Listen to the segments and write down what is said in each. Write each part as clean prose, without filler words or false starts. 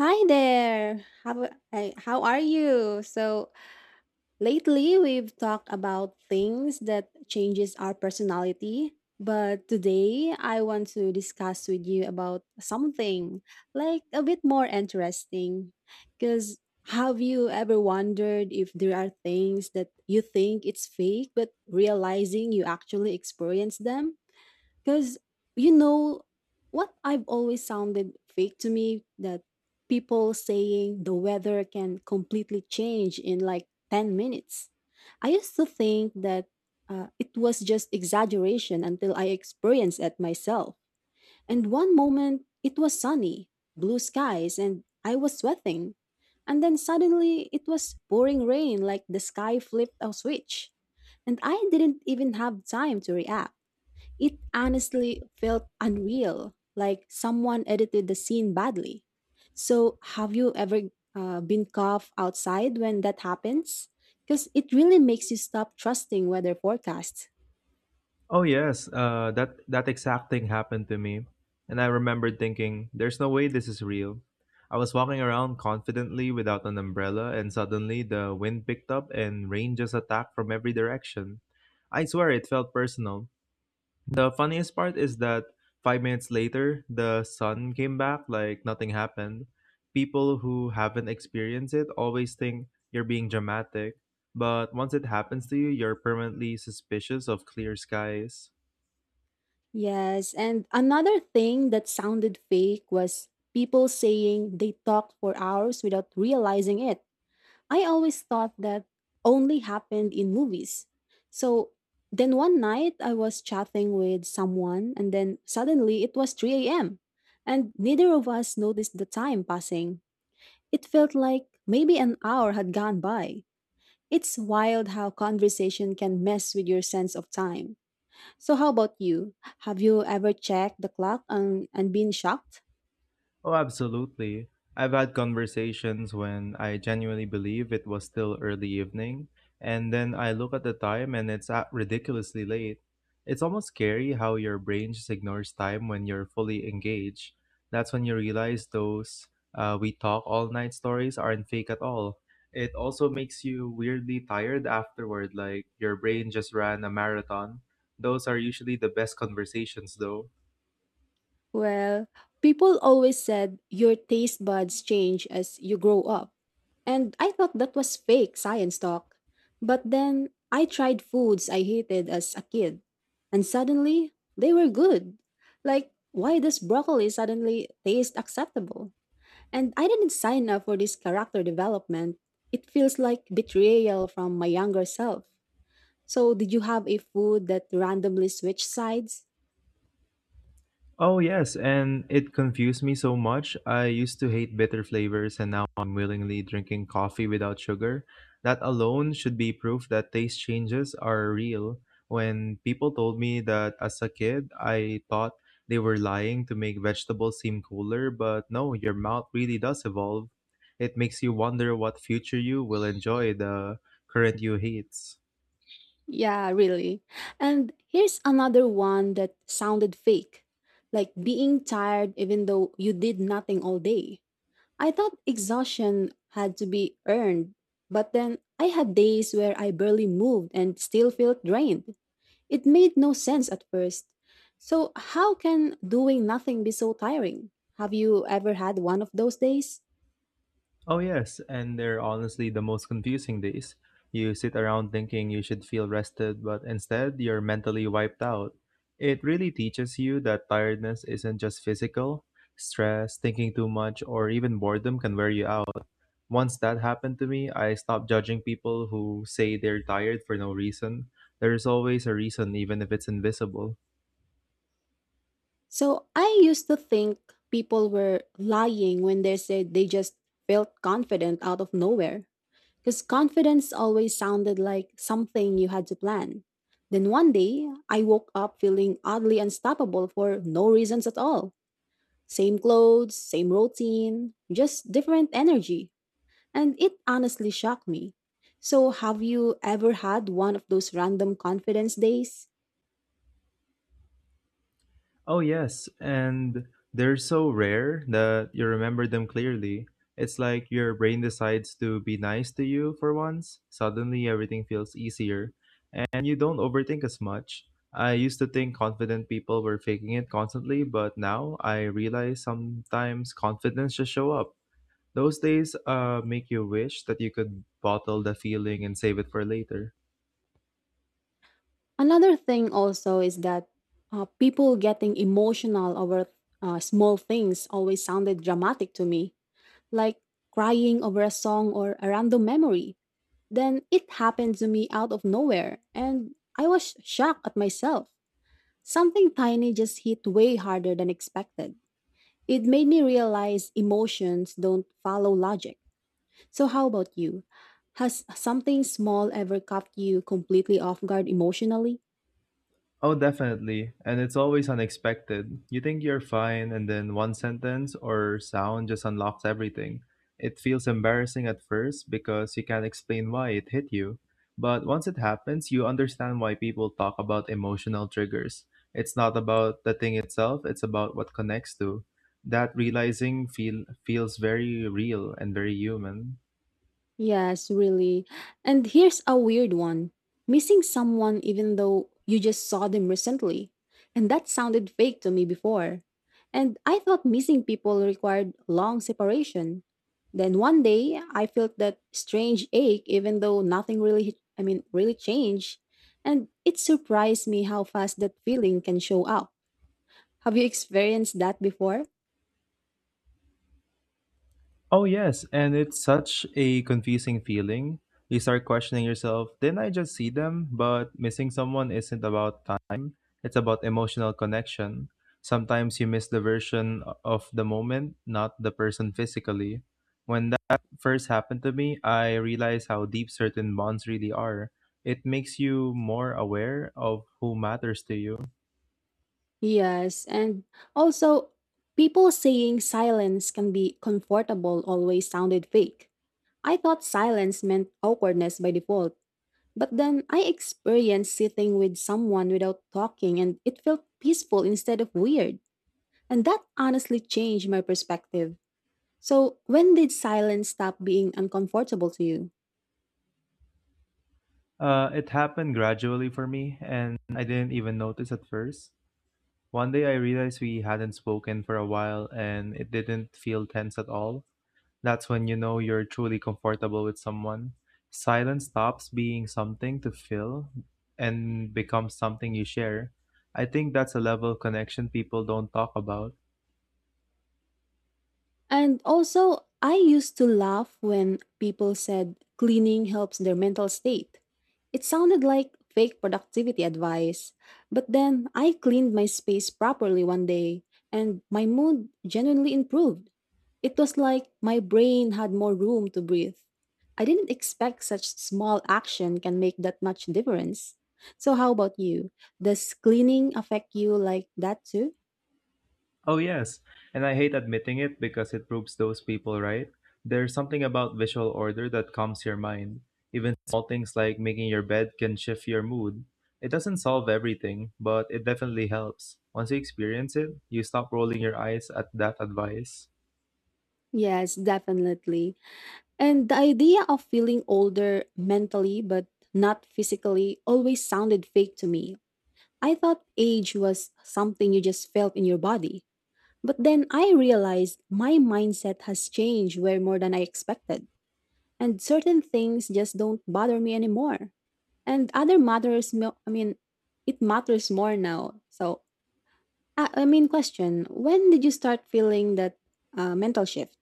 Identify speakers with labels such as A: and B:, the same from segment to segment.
A: Hi there. How are you? So lately we've talked about things that changes our personality, but today I want to discuss with you about something like a bit more interesting. Cuz have you ever wondered if there are things that you think it's fake but realizing you actually experience them? Because, you know, what I've always sounded fake to me that people saying the weather can completely change in like 10 minutes. I used to think that it was just exaggeration until I experienced it myself. And one moment it was sunny, blue skies, and I was sweating. And then suddenly it was pouring rain like the sky flipped a switch. And I didn't even have time to react. It honestly felt unreal, like someone edited the scene badly. So, have you ever been cough outside when that happens? Because it really makes you stop trusting weather forecasts.
B: Oh yes, that exact thing happened to me, and I remembered thinking, "There's no way this is real." I was walking around confidently without an umbrella, and suddenly the wind picked up and rain just attacked from every direction. I swear it felt personal. The funniest part is that 5 minutes later, the sun came back like nothing happened. People who haven't experienced it always think you're being dramatic, but once it happens to you, you're permanently suspicious of clear skies.
A: Yes, and another thing that sounded fake was people saying they talked for hours without realizing it. I always thought that only happened in movies. So then one night I was chatting with someone, and then suddenly it was 3 a.m. And neither of us noticed the time passing. It felt like maybe an hour had gone by. It's wild how conversation can mess with your sense of time. So, how about you? Have you ever checked the clock and been shocked?
B: Oh, absolutely. I've had conversations when I genuinely believe it was still early evening, and then I look at the time and it's at ridiculously late. It's almost scary how your brain just ignores time when you're fully engaged. That's when you realize those we talk all night stories aren't fake at all. It also makes you weirdly tired afterward, like your brain just ran a marathon. Those are usually the best conversations, though.
A: Well, people always said your taste buds change as you grow up. And I thought that was fake science talk. But then I tried foods I hated as a kid. And suddenly, they were good. Like, why does broccoli suddenly taste acceptable? And I didn't sign up for this character development. It feels like betrayal from my younger self. So, did you have a food that randomly switched sides?
B: Oh yes, and it confused me so much. I used to hate bitter flavors and now I'm willingly drinking coffee without sugar. That alone should be proof that taste changes are real. When people told me that as a kid, I thought they were lying to make vegetables seem cooler, but no, your mouth really does evolve. It makes you wonder what future you will enjoy the current you hates.
A: Yeah, really. And here's another one that sounded fake like being tired even though you did nothing all day. I thought exhaustion had to be earned, but then I had days where I barely moved and still felt drained. It made no sense at first. So, how can doing nothing be so tiring? Have you ever had one of those days?
B: Oh, yes, and they're honestly the most confusing days. You sit around thinking you should feel rested, but instead you're mentally wiped out. It really teaches you that tiredness isn't just physical. Stress, thinking too much, or even boredom can wear you out. Once that happened to me, I stopped judging people who say they're tired for no reason. There is always a reason, even if it's invisible.
A: So I used to think people were lying when they said they just felt confident out of nowhere. Because confidence always sounded like something you had to plan. Then one day, I woke up feeling oddly unstoppable for no reasons at all. Same clothes, same routine, just different energy. And it honestly shocked me. So, have you ever had one of those random confidence days?
B: Oh, yes, and they're so rare that you remember them clearly. It's like your brain decides to be nice to you for once. Suddenly, everything feels easier, and you don't overthink as much. I used to think confident people were faking it constantly, but now I realize sometimes confidence just show up. Those days make you wish that you could bottle the feeling and save it for later.
A: Another thing also is that people getting emotional over small things always sounded dramatic to me, like crying over a song or a random memory. Then it happened to me out of nowhere, and I was shocked at myself. Something tiny just hit way harder than expected. It made me realize emotions don't follow logic. So, how about you? Has something small ever caught you completely off guard emotionally?
B: Oh, definitely. And it's always unexpected. You think you're fine, and then one sentence or sound just unlocks everything. It feels embarrassing at first because you can't explain why it hit you. But once it happens, you understand why people talk about emotional triggers. It's not about the thing itself, it's about what connects to. That realizing feels very real and very human.
A: Yes, really. And here's a weird one missing someone even though you just saw them recently. And that sounded fake to me before. And I thought missing people required long separation. Then one day, I felt that strange ache even though nothing really, I mean, really changed. And it surprised me how fast that feeling can show up. Have you experienced that before?
B: Oh, yes. And it's such a confusing feeling. You start questioning yourself didn't I just see them? But missing someone isn't about time, it's about emotional connection. Sometimes you miss the version of the moment, not the person physically. When that first happened to me, I realized how deep certain bonds really are. It makes you more aware of who matters to you.
A: Yes, and also people saying silence can be comfortable always sounded fake. I thought silence meant awkwardness by default, but then I experienced sitting with someone without talking and it felt peaceful instead of weird. And that honestly changed my perspective. So, when did silence stop being uncomfortable to you?
B: It happened gradually for me, and I didn't even notice at first. One day I realized we hadn't spoken for a while and it didn't feel tense at all. That's when you know you're truly comfortable with someone. Silence stops being something to fill and becomes something you share. I think that's a level of connection people don't talk about.
A: And also, I used to laugh when people said cleaning helps their mental state. It sounded like fake productivity advice, but then I cleaned my space properly one day and my mood genuinely improved. It was like my brain had more room to breathe. I didn't expect such small action can make that much difference. So, how about you? Does cleaning affect you like that too?
B: Oh, yes. And I hate admitting it because it proves those people right. There's something about visual order that calms your mind. Even small things like making your bed can shift your mood. It doesn't solve everything, but it definitely helps. Once you experience it, you stop rolling your eyes at that advice.
A: Yes, definitely. And the idea of feeling older mentally but not physically always sounded fake to me. I thought age was something you just felt in your body. But then I realized my mindset has changed way more than I expected. And certain things just don't bother me anymore. And other matters, it matters more now. So, question when did you start feeling that mental shift?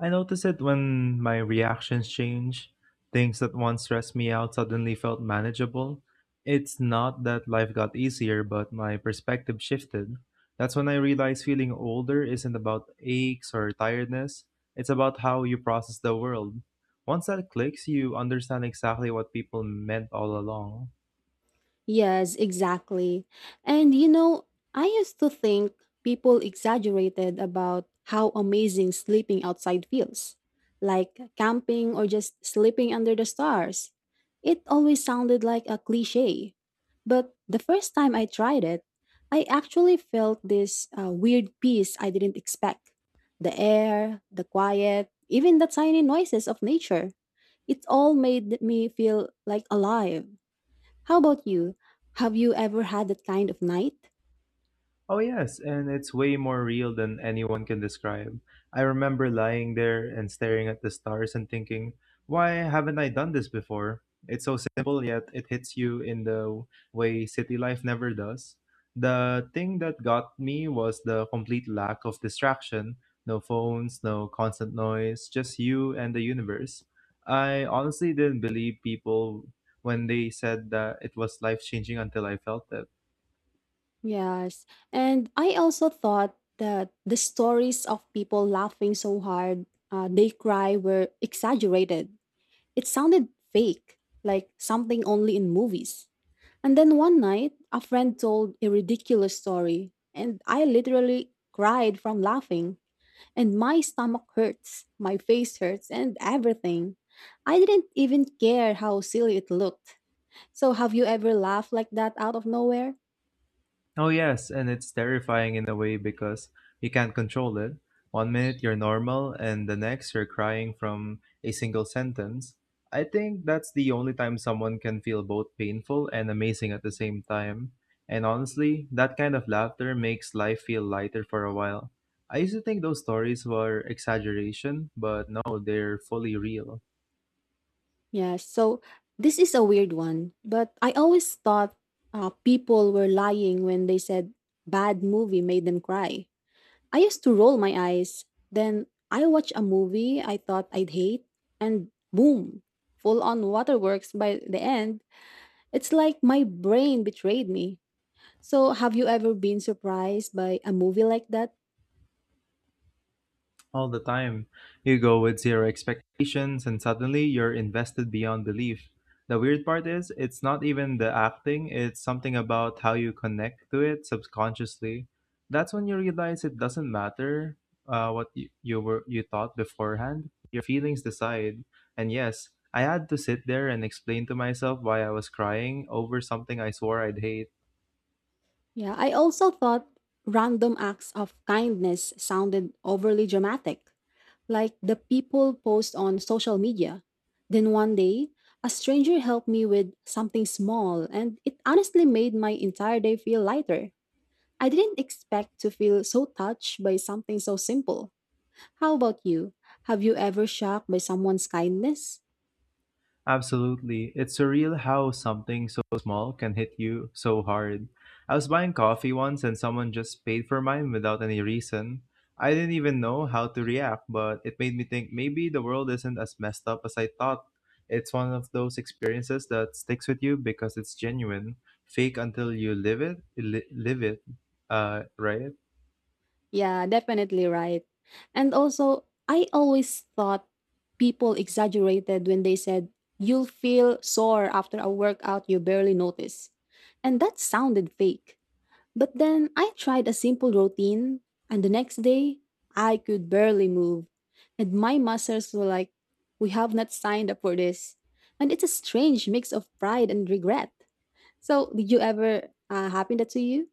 B: I notice it when my reactions change. Things that once stressed me out suddenly felt manageable. It's not that life got easier, but my perspective shifted. That's when I realized feeling older isn't about aches or tiredness, it's about how you process the world. Once that clicks, you understand exactly what people meant all along.
A: Yes, exactly. And you know, I used to think people exaggerated about how amazing sleeping outside feels, like camping or just sleeping under the stars. It always sounded like a cliche. But the first time I tried it, I actually felt this weird peace I didn't expect. The air, the quiet, even the tiny noises of nature. It all made me feel like alive. How about you? Have you ever had that kind of night?
B: Oh yes, and it's way more real than anyone can describe. I remember lying there and staring at the stars and thinking, why haven't I done this before? It's so simple, yet it hits you in the way city life never does. The thing that got me was the complete lack of distraction no phones, no constant noise, just you and the universe. I honestly didn't believe people when they said that it was life changing until I felt it.
A: Yes. And I also thought that the stories of people laughing so hard they cry were exaggerated. It sounded fake, like something only in movies. And then one night, a friend told a ridiculous story, and I literally cried from laughing. And my stomach hurts, my face hurts, and everything. I didn't even care how silly it looked. So have you ever laughed like that out of nowhere?
B: Oh, yes, and it's terrifying in a way because you can't control it. One minute you're normal, and the next you're crying from a single sentence. I think that's the only time someone can feel both painful and amazing at the same time. And honestly, that kind of laughter makes life feel lighter for a while. I used to think those stories were exaggeration, but no, they're fully real.
A: Yes. So this is a weird one, but I always thought people were lying when they said bad movie made them cry. I used to roll my eyes. Then I watch a movie I thought I'd hate, and boom, full on waterworks by the end. It's like my brain betrayed me. So have you ever been surprised by a movie like that?
B: All the time. You go with zero expectations and suddenly you're invested beyond belief. The weird part is, it's not even the acting, it's something about how you connect to it subconsciously. That's when you realize it doesn't matter what you thought beforehand. Your feelings decide. And yes, I had to sit there and explain to myself why I was crying over something I swore I'd hate.
A: Yeah, I also thought random acts of kindness sounded overly dramatic, like the people post on social media. Then one day, a stranger helped me with something small, and it honestly made my entire day feel lighter. I didn't expect to feel so touched by something so simple. How about you? Have you ever shocked by someone's kindness?
B: Absolutely. It's surreal how something so small can hit you so hard. I was buying coffee once and someone just paid for mine without any reason. I didn't even know how to react, but it made me think maybe the world isn't as messed up as I thought. It's one of those experiences that sticks with you because it's genuine, fake until you live it, live it, right?
A: Yeah, definitely right. And also, I always thought people exaggerated when they said, you'll feel sore after a workout you barely notice. And that sounded fake. But then I tried a simple routine, and the next day, I could barely move. And my muscles were like, we have not signed up for this. And it's a strange mix of pride and regret. So, did you ever happen that to you?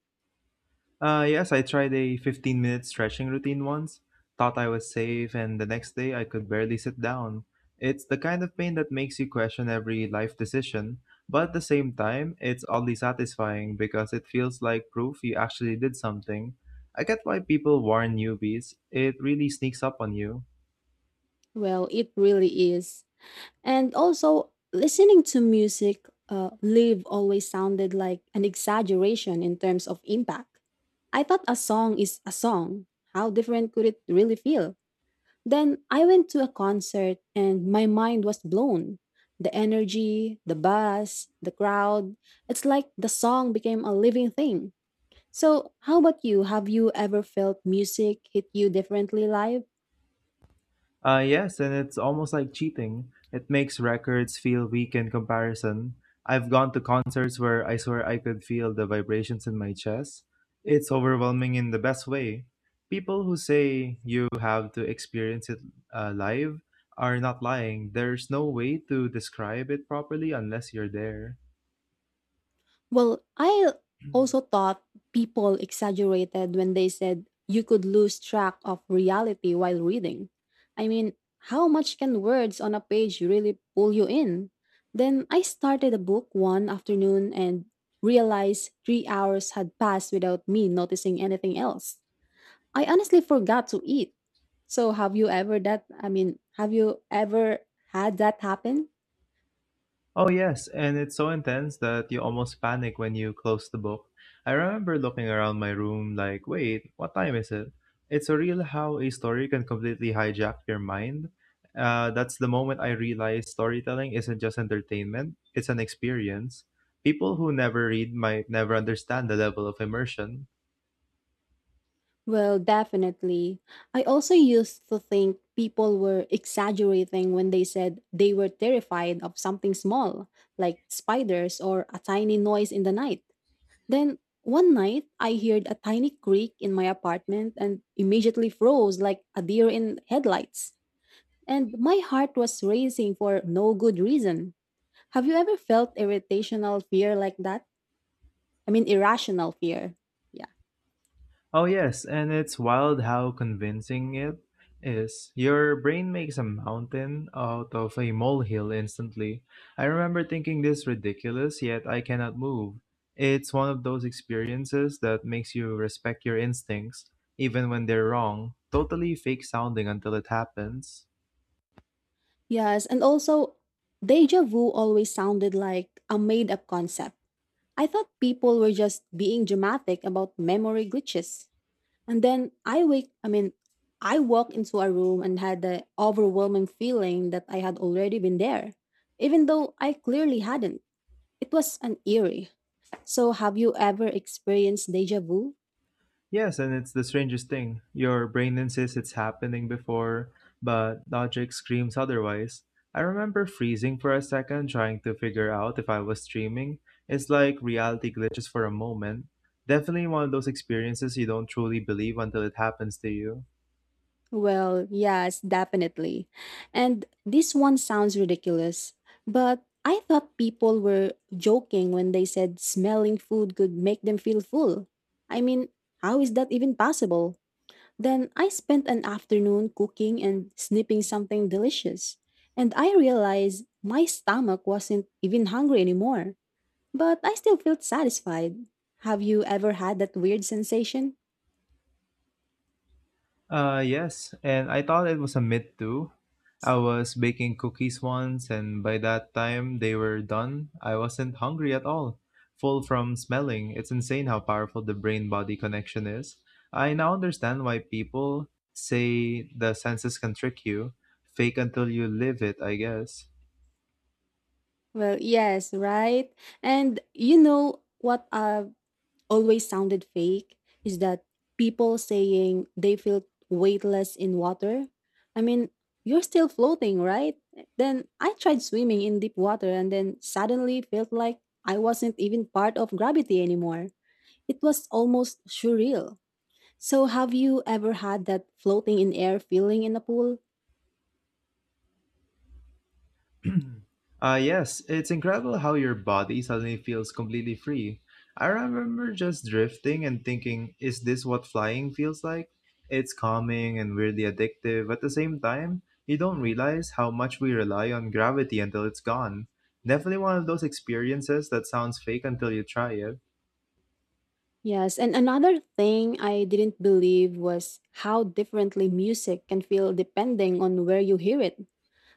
B: Yes, I tried a 15-minute stretching routine once, thought I was safe, and the next day I could barely sit down. It's the kind of pain that makes you question every life decision, but at the same time, it's oddly satisfying because it feels like proof you actually did something. I get why people warn newbies, it really sneaks up on you.
A: Well, it really is. And also, listening to music live always sounded like an exaggeration in terms of impact. I thought a song is a song. How different could it really feel? Then I went to a concert and my mind was blown. The energy, the buzz, the crowd. It's like the song became a living thing. So, how about you? Have you ever felt music hit you differently live?
B: Yes, and it's almost like cheating. It makes records feel weak in comparison. I've gone to concerts where I swear I could feel the vibrations in my chest. It's overwhelming in the best way. People who say you have to experience it live are not lying. There's no way to describe it properly unless you're there.
A: Well, I also thought people exaggerated when they said you could lose track of reality while reading. I mean, how much can words on a page really pull you in? Then I started a book one afternoon and realized 3 hours had passed without me noticing anything else. I honestly forgot to eat. So, have you ever had that happen?
B: Oh, yes, and it's so intense that you almost panic when you close the book. I remember looking around my room like, wait, what time is it? It's surreal how a story can completely hijack your mind. That's the moment I realized storytelling isn't just entertainment, it's an experience. People who never read might never understand the level of immersion.
A: Well, definitely. I also used to think people were exaggerating when they said they were terrified of something small, like spiders or a tiny noise in the night. Then one night, I heard a tiny creak in my apartment and immediately froze like a deer in headlights. And my heart was racing for no good reason. Have you ever felt irritational fear like that? I mean, irrational fear. Yeah.
B: Oh, yes, and it's wild how convincing it is. Your brain makes a mountain out of a molehill instantly. I remember thinking this ridiculous, yet I cannot move. It's one of those experiences that makes you respect your instincts, even when they're wrong, totally fake sounding until it happens.
A: Yes, and also, deja vu always sounded like a made up concept. I thought people were just being dramatic about memory glitches. And then I wake, I mean, I walked into a room and had the overwhelming feeling that I had already been there, even though I clearly hadn't. It was an eerie. So, have you ever experienced deja vu?
B: Yes, and it's the strangest thing. Your brain insists it's happening before, but logic screams otherwise. I remember freezing for a second trying to figure out if I was dreaming. It's like reality glitches for a moment. Definitely one of those experiences you don't truly believe until it happens to you.
A: Well, yes, definitely. And this one sounds ridiculous, but I thought people were joking when they said smelling food could make them feel full. I mean, how is that even possible? Then I spent an afternoon cooking and snipping something delicious, and I realized my stomach wasn't even hungry anymore, but I still felt satisfied. Have you ever had that weird sensation?
B: Yes, and I thought it was a myth too. I was baking cookies once, and by that time they were done, I wasn't hungry at all. Full from smelling. It's insane how powerful the brain body connection is. I now understand why people say the senses can trick you. Fake until you live it, I guess.
A: Well, yes, right? And you know what always sounded fake is that people saying they feel weightless in water. I mean, you're still floating, right? Then I tried swimming in deep water and then suddenly felt like I wasn't even part of gravity anymore. It was almost surreal. So have you ever had that floating in air feeling in a pool?
B: Yes, it's incredible how your body suddenly feels completely free. I remember just drifting and thinking, is this what flying feels like? It's calming and weirdly addictive. At the same time, you don't realize how much we rely on gravity until it's gone. Definitely one of those experiences that sounds fake until you try it.
A: Yes, and another thing I didn't believe was how differently music can feel depending on where you hear it.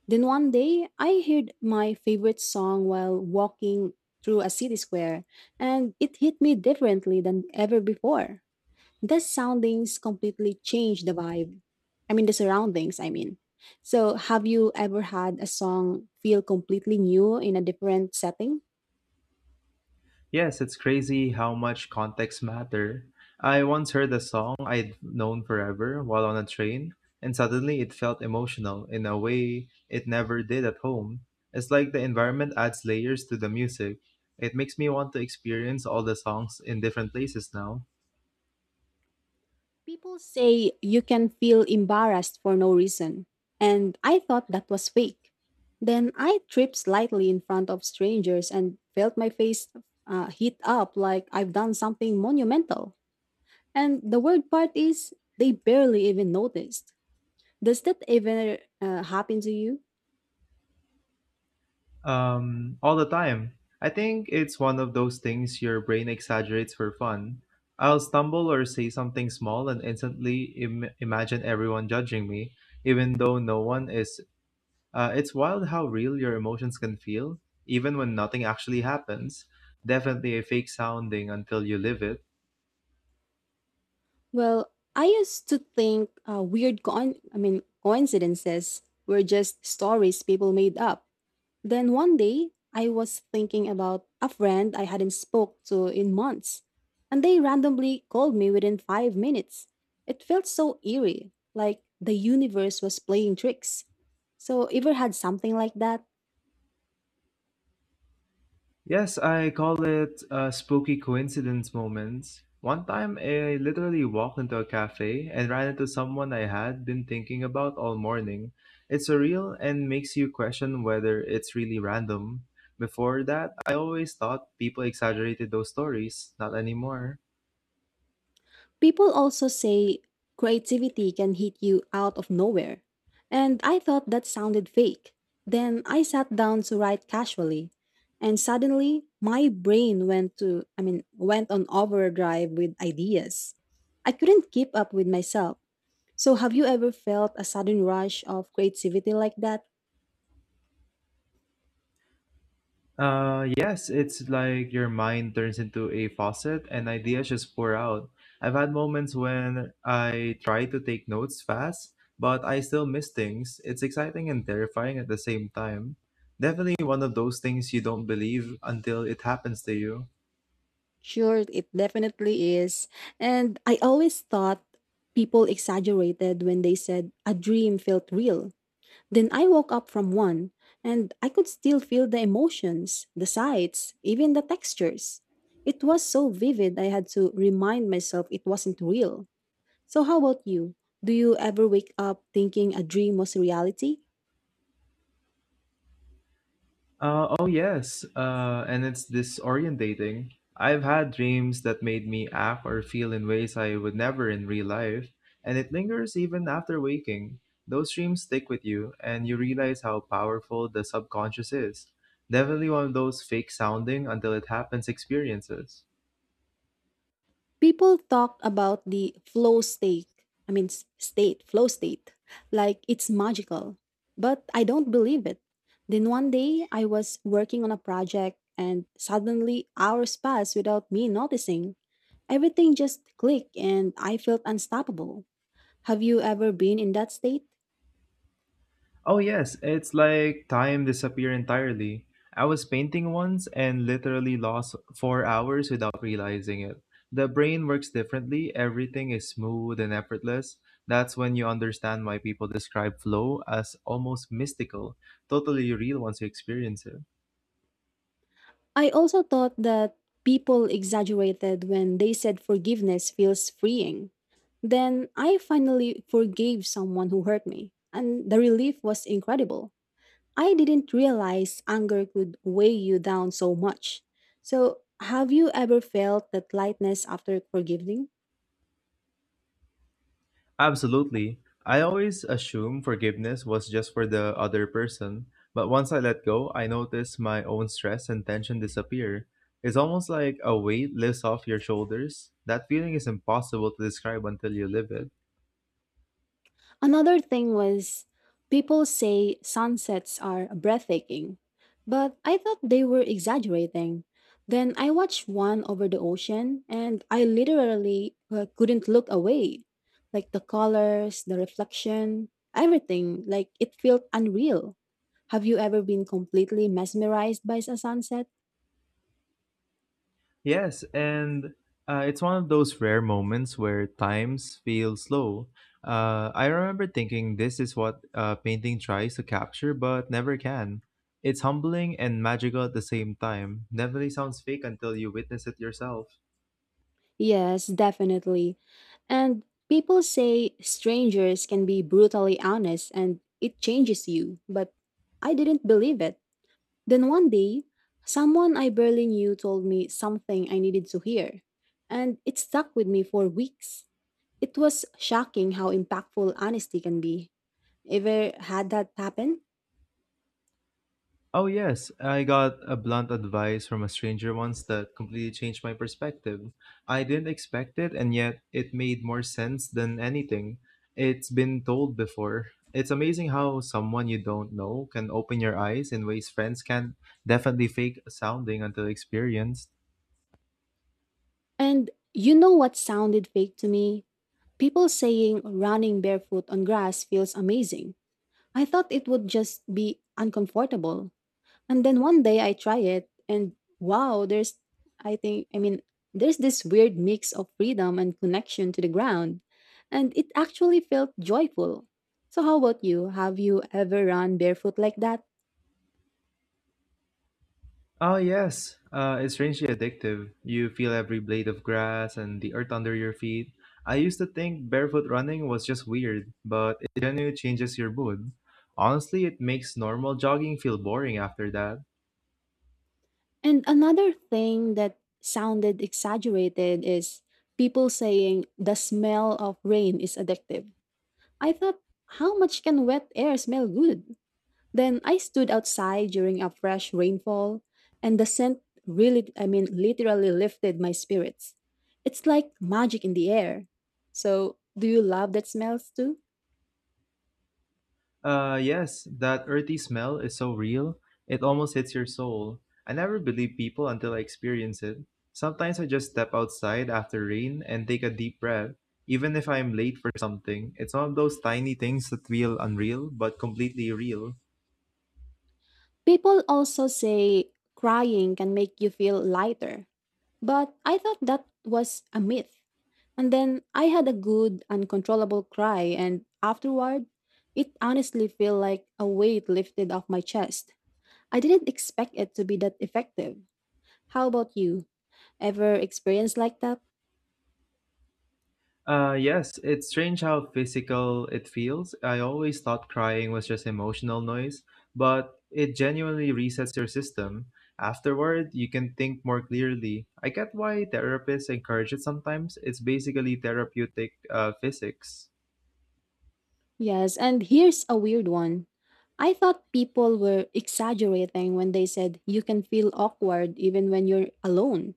A: Then one day, I heard my favorite song while walking through a city square, and it hit me differently than ever before. The soundings completely changed the vibe. I mean, the surroundings, I mean. So, have you ever had a song feel completely new in a different setting?
B: Yes, it's crazy how much context matter. I once heard a song I'd known forever while on a train, and suddenly it felt emotional in a way it never did at home. It's like the environment adds layers to the music. It makes me want to experience all the songs in different places now.
A: People say you can feel embarrassed for no reason, and I thought that was fake. Then I tripped slightly in front of strangers and felt my face heat up like I've done something monumental. And the weird part is, they barely even noticed. Does that ever happen to you?
B: All the time. I think it's one of those things your brain exaggerates for fun. I'll stumble or say something small and instantly imagine everyone judging me, even though no one is. It's wild how real your emotions can feel, even when nothing actually happens. Definitely a fake sounding until you live it.
A: Well, I used to think weird, coin- I mean, coincidences were just stories people made up. Then one day, I was thinking about a friend I hadn't spoke to in months, and they randomly called me within 5 minutes. It felt so eerie, like the universe was playing tricks. So, ever had something like that?
B: Yes, I call it a spooky coincidence moments. One time, I literally walked into a cafe and ran into someone I had been thinking about all morning. It's surreal and makes you question whether it's really random. Before that, I always thought people exaggerated those stories. Not anymore.
A: People also say creativity can hit you out of nowhere. And I thought that sounded fake. Then I sat down to write casually, and suddenly my brain went on overdrive with ideas. I couldn't keep up with myself. So have you ever felt a sudden rush of creativity like that?
B: Yes, it's like your mind turns into a faucet and ideas just pour out. I've had moments when I try to take notes fast, but I still miss things. It's exciting and terrifying at the same time. Definitely one of those things you don't believe until it happens to you.
A: Sure, it definitely is. And I always thought people exaggerated when they said a dream felt real. Then I woke up from one, and I could still feel the emotions, the sights, even the textures. It was so vivid, I had to remind myself it wasn't real. So, how about you? Do you ever wake up thinking a dream was reality?
B: Oh yes, and it's disorientating. I've had dreams that made me act or feel in ways I would never in real life, and it lingers even after waking. Those dreams stick with you, and you realize how powerful the subconscious is. Definitely one of those fake sounding until it happens experiences.
A: People talk about the flow state, flow state, like it's magical. But I don't believe it. Then one day, I was working on a project, and suddenly hours passed without me noticing. Everything just clicked and I felt unstoppable. Have you ever been in that state?
B: Oh, yes, it's like time disappear entirely. I was painting once and literally lost 4 hours without realizing it. The brain works differently, everything is smooth and effortless. That's when you understand why people describe flow as almost mystical, totally real once you experience it.
A: I also thought that people exaggerated when they said forgiveness feels freeing. Then I finally forgave someone who hurt me, and the relief was incredible. I didn't realize anger could weigh you down so much. So, have you ever felt that lightness after forgiving?
B: Absolutely. I always assumed forgiveness was just for the other person, but once I let go, I notice my own stress and tension disappear. It's almost like a weight lifts off your shoulders. That feeling is impossible to describe until you live it.
A: Another thing was, people say sunsets are breathtaking, but I thought they were exaggerating. Then I watched one over the ocean and I literally couldn't look away. Like the colors, the reflection, everything, like it felt unreal. Have you ever been completely mesmerized by a sunset?
B: Yes, and it's one of those rare moments where times feel slow. I remember thinking this is what painting tries to capture but never can. It's humbling and magical at the same time. Definitely sounds fake until you witness it yourself.
A: Yes, definitely. And people say strangers can be brutally honest and it changes you, but I didn't believe it. Then one day, someone I barely knew told me something I needed to hear, and it stuck with me for weeks. It was shocking how impactful honesty can be. Ever had that happen?
B: Oh, yes, I got a blunt advice from a stranger once that completely changed my perspective. I didn't expect it, and yet it made more sense than anything it's been told before. It's amazing how someone you don't know can open your eyes in ways friends can definitely fake sounding until experienced.
A: And you know what sounded fake to me? People saying running barefoot on grass feels amazing. I thought it would just be uncomfortable. And then one day I try it and wow, there's I think I mean there's this weird mix of freedom and connection to the ground. And it actually felt joyful. So how about you? Have you ever run barefoot like that?
B: Oh, yes. It's strangely addictive. You feel every blade of grass and the earth under your feet. I used to think barefoot running was just weird, but it genuinely changes your mood. Honestly, it makes normal jogging feel boring after that.
A: And another thing that sounded exaggerated is people saying the smell of rain is addictive. I thought, how much can wet air smell good? Then I stood outside during a fresh rainfall, and the scent literally lifted my spirits. It's like magic in the air. So, do you love that smells too?
B: Yes, that earthy smell is so real. It almost hits your soul. I never believe people until I experience it. Sometimes I just step outside after rain and take a deep breath, even if I'm late for something. It's one of those tiny things that feel unreal but completely real.
A: People also say crying can make you feel lighter, but I thought that was a myth. And then I had a good, uncontrollable cry, and afterward, it honestly felt like a weight lifted off my chest. I didn't expect it to be that effective. How about you? Ever experienced like that?
B: Yes, it's strange how physical it feels. I always thought crying was just emotional noise, but it genuinely resets your system. Afterward, you can think more clearly. I get why therapists encourage it sometimes. It's basically therapeutic physics.
A: Yes, and here's a weird one. I thought people were exaggerating when they said you can feel awkward even when you're alone.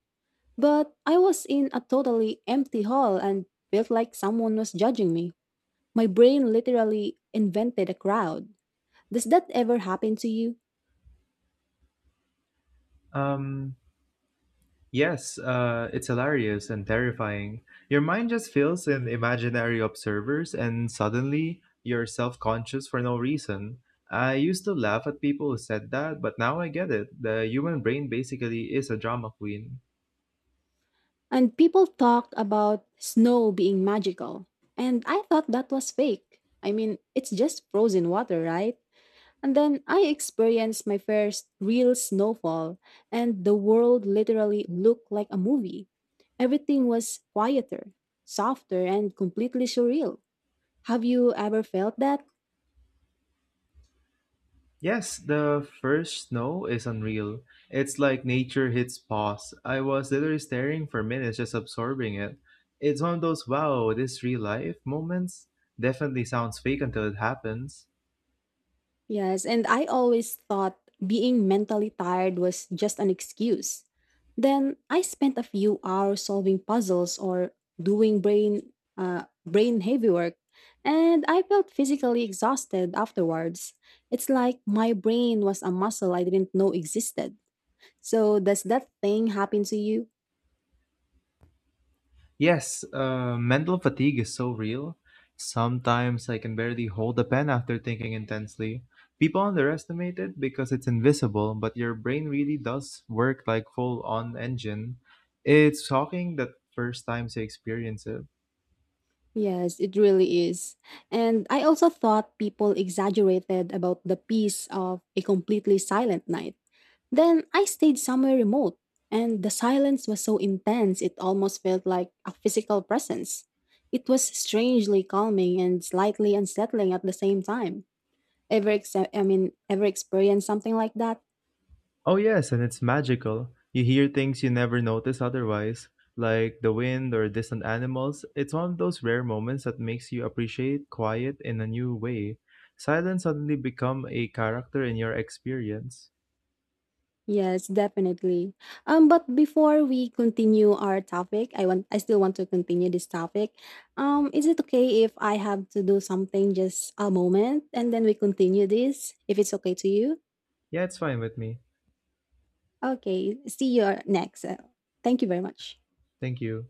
A: But I was in a totally empty hall and felt like someone was judging me. My brain literally invented a crowd. Does that ever happen to you?
B: Um, Yes, it's hilarious and terrifying. Your mind just fills in imaginary observers, and suddenly you're self conscious for no reason. I used to laugh at people who said that, but now I get it. The human brain basically is a drama queen.
A: And people talked about snow being magical. And I thought that was fake. I mean, it's just frozen water, right? And then I experienced my first real snowfall, and the world literally looked like a movie. Everything was quieter, softer, and completely surreal. Have you ever felt that?
B: Yes, the first snow is unreal. It's like nature hits pause. I was literally staring for minutes, just absorbing it. It's one of those wow, this real life moments. Definitely sounds fake until it happens.
A: Yes, and I always thought being mentally tired was just an excuse. Then I spent a few hours solving puzzles or doing brain heavy work, and I felt physically exhausted afterwards. It's like my brain was a muscle I didn't know existed. So does that thing happen to you?
B: Yes, mental fatigue is so real. Sometimes I can barely hold a pen after thinking intensely. People underestimate it because it's invisible, but your brain really does work like full on engine. It's shocking that first times you experience it.
A: Yes, it really is. And I also thought people exaggerated about the peace of a completely silent night. Then I stayed somewhere remote, and the silence was so intense it almost felt like a physical presence. It was strangely calming and slightly unsettling at the same time. Ever ex- I mean, ever experienced something like that?
B: Oh, yes, and it's magical. You hear things you never notice otherwise, like the wind or distant animals. It's one of those rare moments that makes you appreciate quiet in a new way. Silence suddenly become a character in your experience.
A: Yes, definitely. But before we continue our topic, I still want to continue this topic. Is it okay if I have to do something just a moment and then we continue this? If it's okay to you?
B: Yeah, it's fine with me.
A: Okay, see you next. Thank you very much.
B: Thank you.